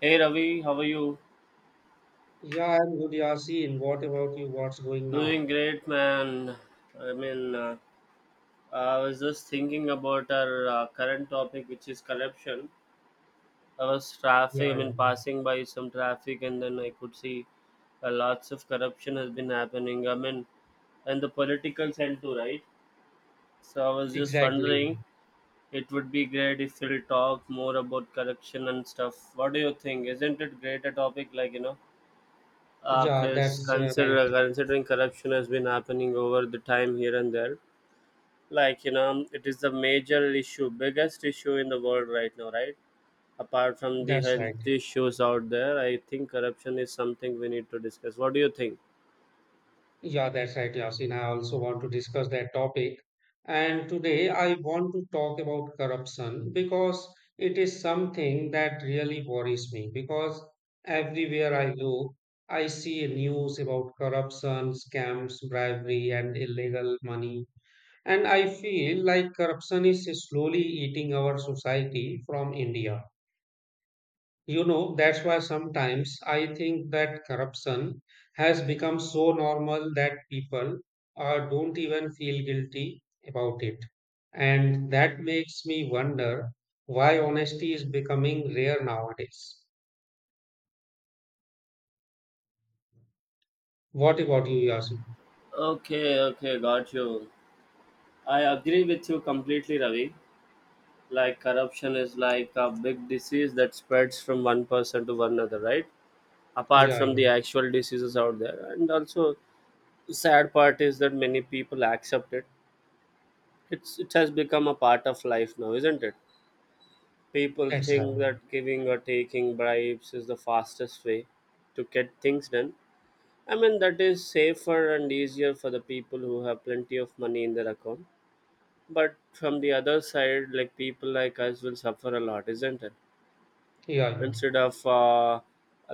Hey Ravi, how are you? Yeah, I'm good, Yasin. What about you? What's going now? Doing great, man. I mean, uh, I was just thinking about our current topic, which is corruption. I was traffic. I Yeah, yeah, mean, Passing by some traffic, and then I could see lots of corruption has been happening. I mean, and the political side too, right? So I was just exactly. wondering, it would be great if we'll talk more about corruption and stuff. What do you think? Isn't it great a topic? Like you know. Yeah, 'Cause that's right. Considering corruption has been happening over the time here and there, like you know, it is the major issue, biggest issue in the world right now, right? Apart from the That's right. health issues out there, I think corruption is something we need to discuss. What do you think? Yeah, that's right, Yasin. I also want to discuss that topic. And today I want to talk about corruption because it is something that really worries me. Because everywhere I go, I see news about corruption, scams, bribery, and illegal money. And I feel like corruption is slowly eating our society from India. You know, that's why sometimes I think that corruption has become so normal that people don't even feel guilty about it. And that makes me wonder why honesty is becoming rare nowadays. What about you, Yasin? Okay, okay, got you. I agree with you completely, Ravi. Like corruption is like a big disease that spreads from one person to one another, right? Apart Yeah, from yeah, the actual diseases out there, and also the sad part is that many people accept it. It has become a part of life now, isn't it? People that's right. think that giving or taking bribes is the fastest way to get things done. I mean that is safer and easier for the people who have plenty of money in their account. But from the other side, like people like us will suffer a lot, isn't it? Yeah, yeah, Instead of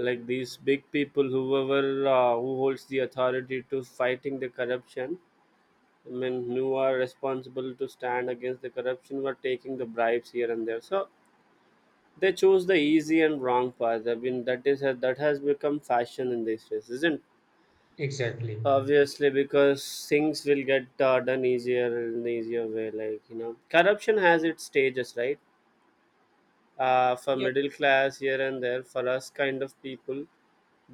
like these big people, whoever who holds the authority to fighting the corruption, men who are responsible to stand against the corruption were taking the bribes here and there. So they chose the easy and wrong path. That has become fashion in these days, isn't? exactly. Obviously, because things will get done easier in the easier way. Like you know, corruption has its stages, right? For Yeah, middle class here and there, for us kind of people,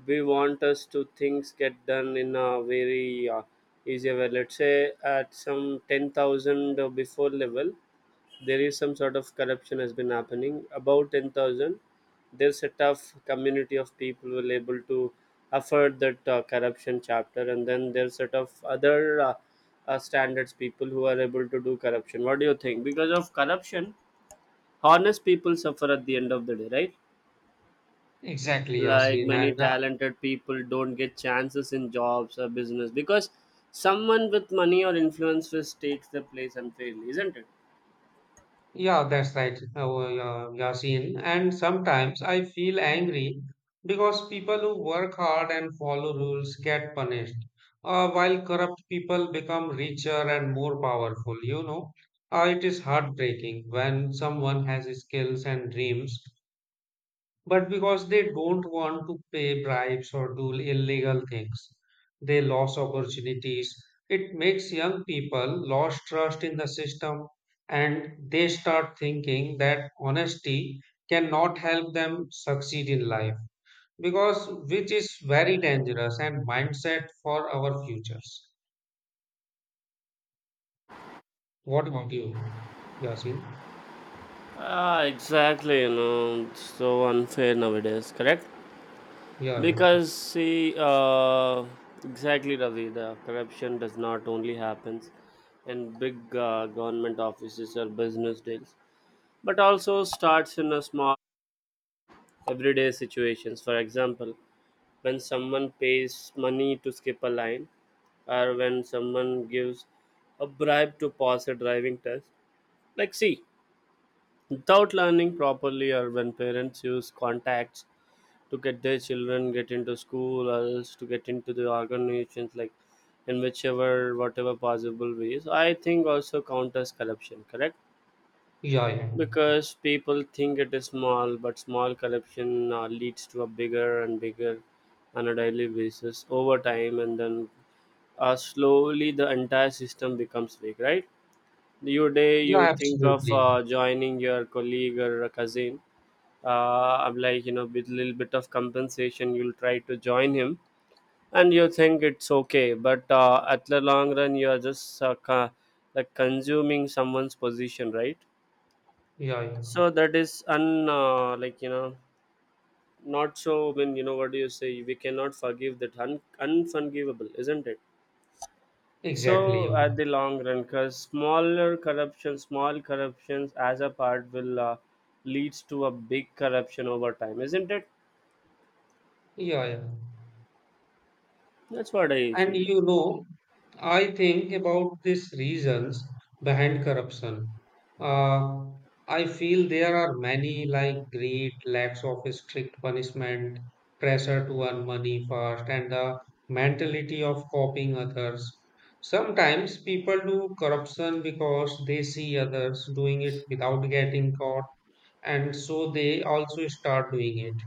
we want us to things get done in a very easier way. Let's say at some 10,000 before level, there is some sort of corruption has been happening about 10,000. There's a tough community of people who will able to afford that corruption chapter, and then there's sort of other standards people who are able to do corruption. What do you think? Because of corruption, honest people suffer at the end of the day, right? exactly, Like Yasin. many And talented people don't get chances in jobs or business because someone with money or influence just takes the place unfairly, isn't it? yeah, that's right, Yasin. And sometimes I feel angry because people who work hard and follow rules get punished, while corrupt people become richer and more powerful. You know, it is heartbreaking when someone has skills and dreams but because they don't want to pay bribes or do illegal things, they lose opportunities. It makes young people lose trust in the system and they start thinking that honesty cannot help them succeed in life because which is very dangerous and mindset for our futures. What about you, Yasin? Ah, exactly, you know, it's so unfair nowadays, correct? Yeah, yeah, Because see, exactly, Ravi, the corruption does not only happens in big government offices or business deals, but also starts in a small everyday situations. For example, when someone pays money to skip a line, or when someone gives a bribe to pass a driving test. Like, see, without learning properly, or when parents use contacts to get their children get into school or else to get into the organizations, like in whichever whatever possible ways, I think also count as corruption, correct? yeah, yeah, Because people think it is small, but small corruption leads to a bigger and bigger on a daily basis over time, and then slowly the entire system becomes weak, right? Your day yeah, you think of absolutely. Joining your colleague or a cousin. I'm like, you know, with little bit of compensation you'll try to join him, and you think it's okay, but at the long run you are just like consuming someone's position, right? Yeah, yeah, So that is un like you know, not so, I mean, you know what do you say, we cannot forgive that, unforgivable, isn't it? So exactly. at the long run, because small corruptions as a part will leads to a big corruption over time, isn't it? Yeah, yeah. That's what I And feel like. you know, I think about these reasons behind corruption. Uh, I feel there are many, like greed, lacks of strict punishment, pressure to earn money fast, and the mentality of copying others. Sometimes people do corruption because they see others doing it without getting caught, and so they also start doing it.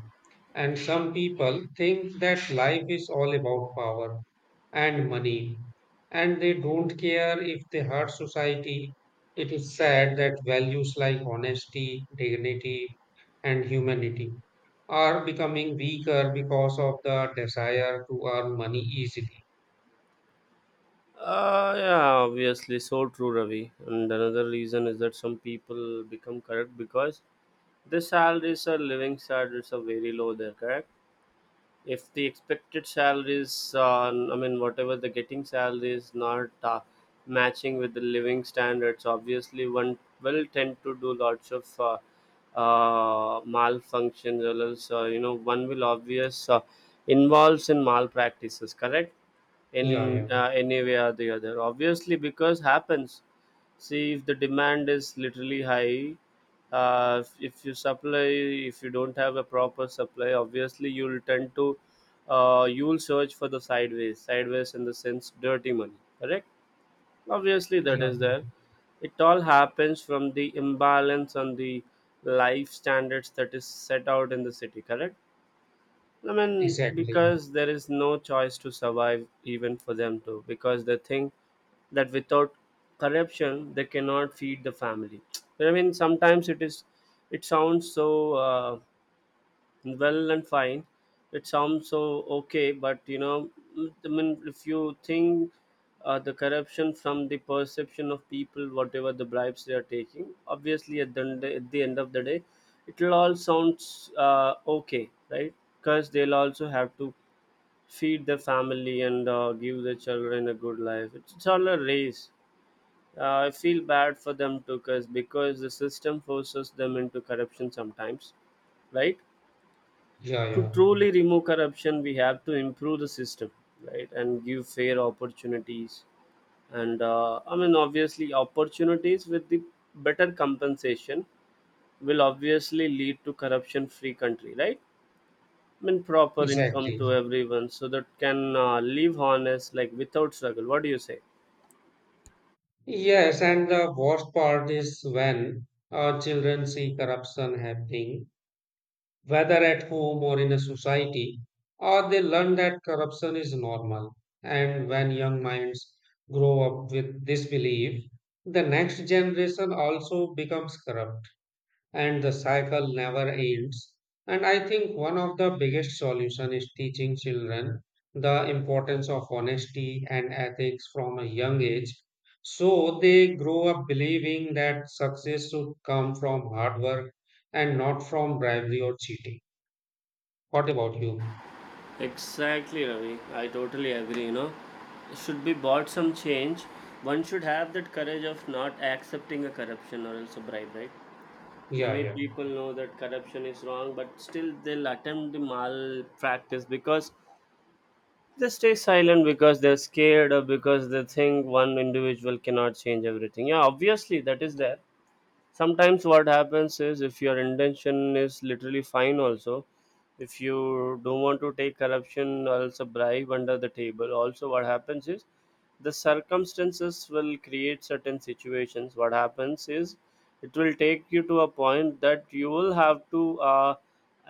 And some people think that life is all about power and money, and they don't care if they hurt society. It is sad that values like honesty, dignity, and humanity are becoming weaker because of the desire to earn money easily. Yeah, obviously, so true, Ravi. And another reason is that some people become corrupt because their salaries or living standards are very low there, correct? If the expected salaries, I mean whatever the getting salary is not matching with the living standards, obviously one will tend to do lots of malfunctions, or else you know, one will obvious involves in malpractices, correct? Yeah, In yeah, any way or the other, obviously because happens. See, if the demand is literally high, if you supply, if you don't have a proper supply, obviously you'll tend to you'll search for the sideways, sideways in the sense dirty money, correct? Obviously that yeah, is there. It all happens from the imbalance on the life standards that is set out in the city, correct? I mean, exactly. because there is no choice to survive even for them too, because they think that without corruption they cannot feed the family. I mean, sometimes it is, it sounds so well and fine, it sounds so okay, but you know, I mean if you think the corruption from the perception of people, whatever the bribes they are taking, obviously at the end of the day it will all sounds okay, right? Because they'll also have to feed their family and give their children a good life. It's all a race. I feel bad for them too, because the system forces them into corruption sometimes, right? Yeah, To yeah, truly remove corruption we have to improve the system, right, and give fair opportunities, and I mean obviously opportunities with the better compensation will obviously lead to corruption free country, right? I mean proper income exactly. to everyone, so that can live honest like without struggle. What do you say? Yes, and the worst part is when children see corruption happening whether at home or in a society, or they learn that corruption is normal. And when young minds grow up with this belief, the next generation also becomes corrupt and the cycle never ends. And I think one of the biggest solution is teaching children the importance of honesty and ethics from a young age. So they grow up believing that success should come from hard work and not from bribery or cheating. What about you? Exactly, Ravi. I totally agree. You know, should be bought some change. One should have that courage of not accepting a corruption or else a bribe, right? Yeah, Many yeah. people know that corruption is wrong, but still they'll attempt the malpractice because they stay silent because they're scared or because they think one individual cannot change everything. Yeah, obviously that is there. Sometimes what happens is, if your intention is literally fine also, if you don't want to take corruption or else a bribe under the table, also what happens is the circumstances will create certain situations. What happens is it will take you to a point that you will have to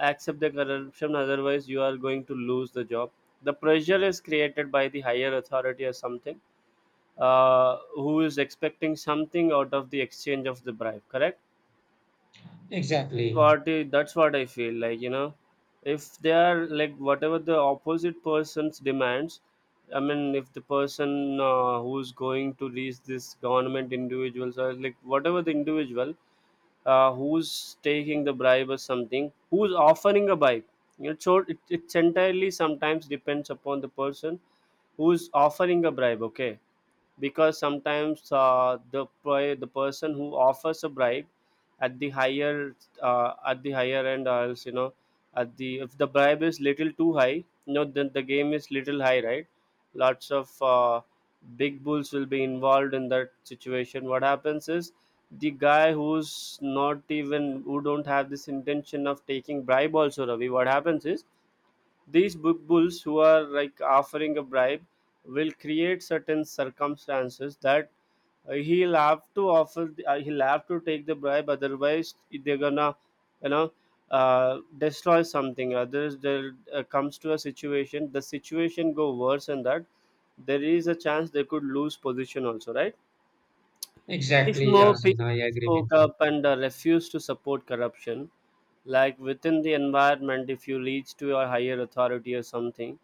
accept the corruption, otherwise you are going to lose the job. The pressure is created by the higher authority or something, who is expecting something out of the exchange of the bribe, correct? Exactly. That's what I feel like, you know, if they are like whatever the opposite person's demands. I mean if the person, who's going to reach this government individuals, or like whatever the individual who's taking the bribe or something, who's offering a bribe, you know, so it's entirely sometimes depends upon the person who's offering a bribe, okay? Because sometimes the person who offers a bribe at the higher, at the higher end, or else you know, at the, if the bribe is little too high, you know, then the game is little high, right? Lots of big bulls will be involved in that situation. What happens is the guy who's not even, who don't have this intention of taking bribe also, Ravi, what happens is these big bulls who are like offering a bribe will create certain circumstances that he'll have to take the bribe, otherwise they're gonna, you know, destroy something others there. Comes to a situation, the situation go worse, and that there is a chance they could lose position also, right? If Exactly, more Yasin. I people agree with spoke you. up and refused to support corruption, like within the environment, if you reach to a higher authority or something,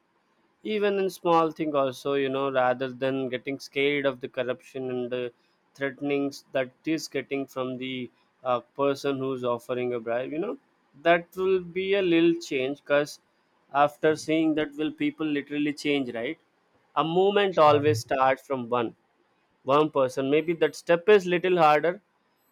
even in small thing also, you know, rather than getting scared of the corruption and the threatenings that is getting from the person who's offering a bribe, you know, that will be a little change, because after seeing that will people literally change, right? A movement always Um, starts from one person. Maybe that step is little harder.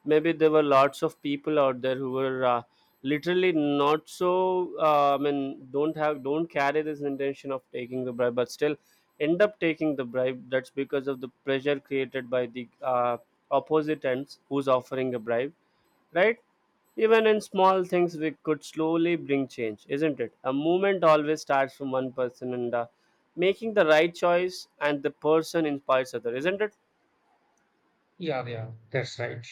Maybe there were lots of people out there who were literally not so. I mean, don't carry this intention of taking the bribe, but still end up taking the bribe. That's because of the pressure created by the opposite ends who's offering a bribe, right? Even in small things, we could slowly bring change, isn't it? A movement always starts from one person, and making the right choice and the person inspires other, isn't it? yeah, yeah. That's right.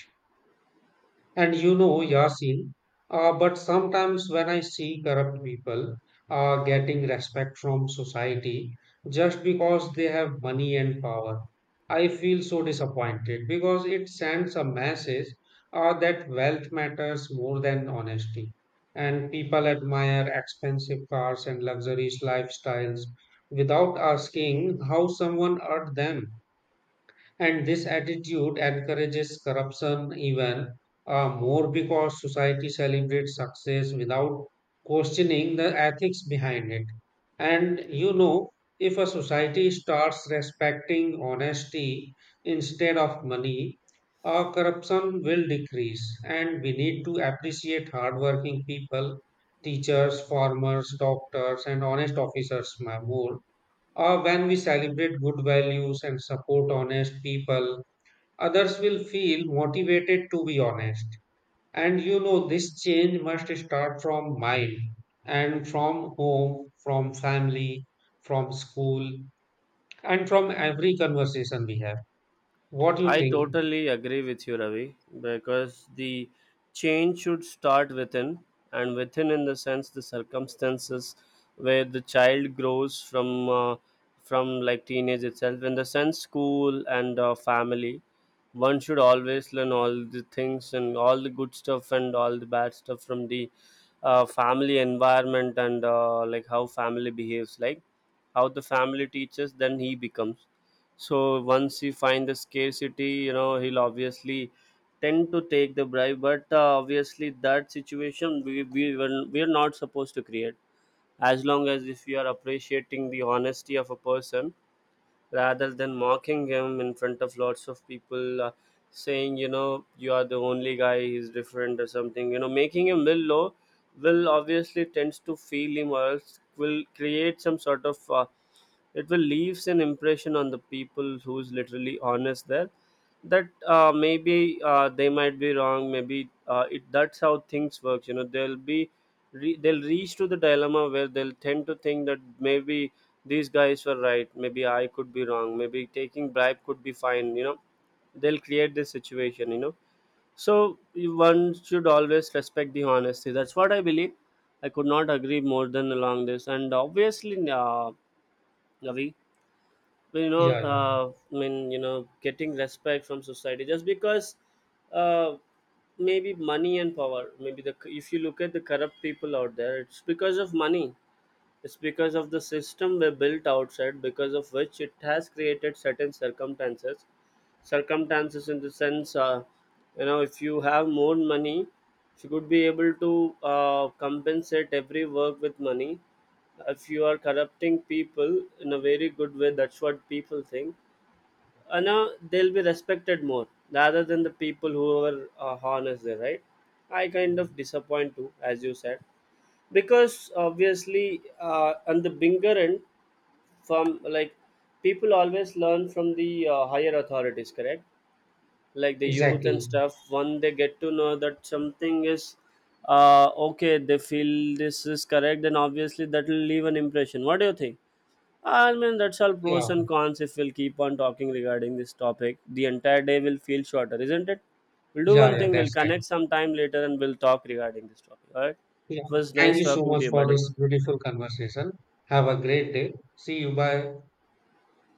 And you know, Yasin, but sometimes when I see corrupt people getting respect from society just because they have money and power, I feel so disappointed because it sends a message that wealth matters more than honesty. And people admire expensive cars and luxurious lifestyles without asking how someone earned them. And this attitude encourages corruption even more because society celebrates success without questioning the ethics behind it. And you know, if a society starts respecting honesty instead of money, corruption will decrease. And we need to appreciate hardworking people, teachers, farmers, doctors, and honest officers more when we celebrate good values and support honest people, others will feel motivated to be honest. And you know, this change must start from mind and from home, from family, from school, and from every conversation we have. What do you I think? totally agree with you, Ravi, because the change should start within, and within, in the sense, the circumstances where the child grows from like teenage itself, in the sense, school and family. One should always learn all the things and all the good stuff and all the bad stuff from the family environment, and like how family behaves, like how the family teaches, then he becomes, so once he find the scarcity, you know he'll obviously tend to take the bribe, but obviously that situation we're not supposed to create. As long as if you are appreciating the honesty of a person rather than mocking him in front of lots of people, saying you know you are the only guy, he's different or something, you know, making him will low, will obviously tends to feel him, or else will create some sort of it will leaves an impression on the people who's literally honest there, that maybe they might be wrong, maybe it that's how things works, you know, they'll reach to the dilemma where they'll tend to think that maybe these guys were right, maybe I could be wrong, maybe taking bribe could be fine, you know, they'll create this situation, you know. So one should always respect the honesty, that's what I believe. I could not agree more than along this, and obviously Ravi, well, you know, Yeah, yeah, you know, getting respect from society just because uh, maybe money and power. Maybe the, if you look at the corrupt people out there, it's because of money. It's because of the system we built outside, because of which it has created certain circumstances, in the sense you know, if you have more money she could be able to compensate every work with money. If you are corrupting people in a very good way, that's what people think, and they'll be respected more rather than the people who are honest there, right? I kind of disappoint too, as you said, because obviously on the bigger end, from like, people always learn from the higher authorities, correct? Like the youth and exactly. stuff, when they get to know that something is okay, they feel this is correct, then obviously that will leave an impression. What do you think? I mean that's all pros Yeah, and cons. If we'll keep on talking regarding this topic, the entire day will feel shorter, isn't it? We'll do yeah, one yeah, thing, we'll that's right. connect sometime later and we'll talk regarding this topic. All right, Yeah, it was thank nice you so talking much to you, for buddy. this beautiful conversation. Have a great day. See you. Bye.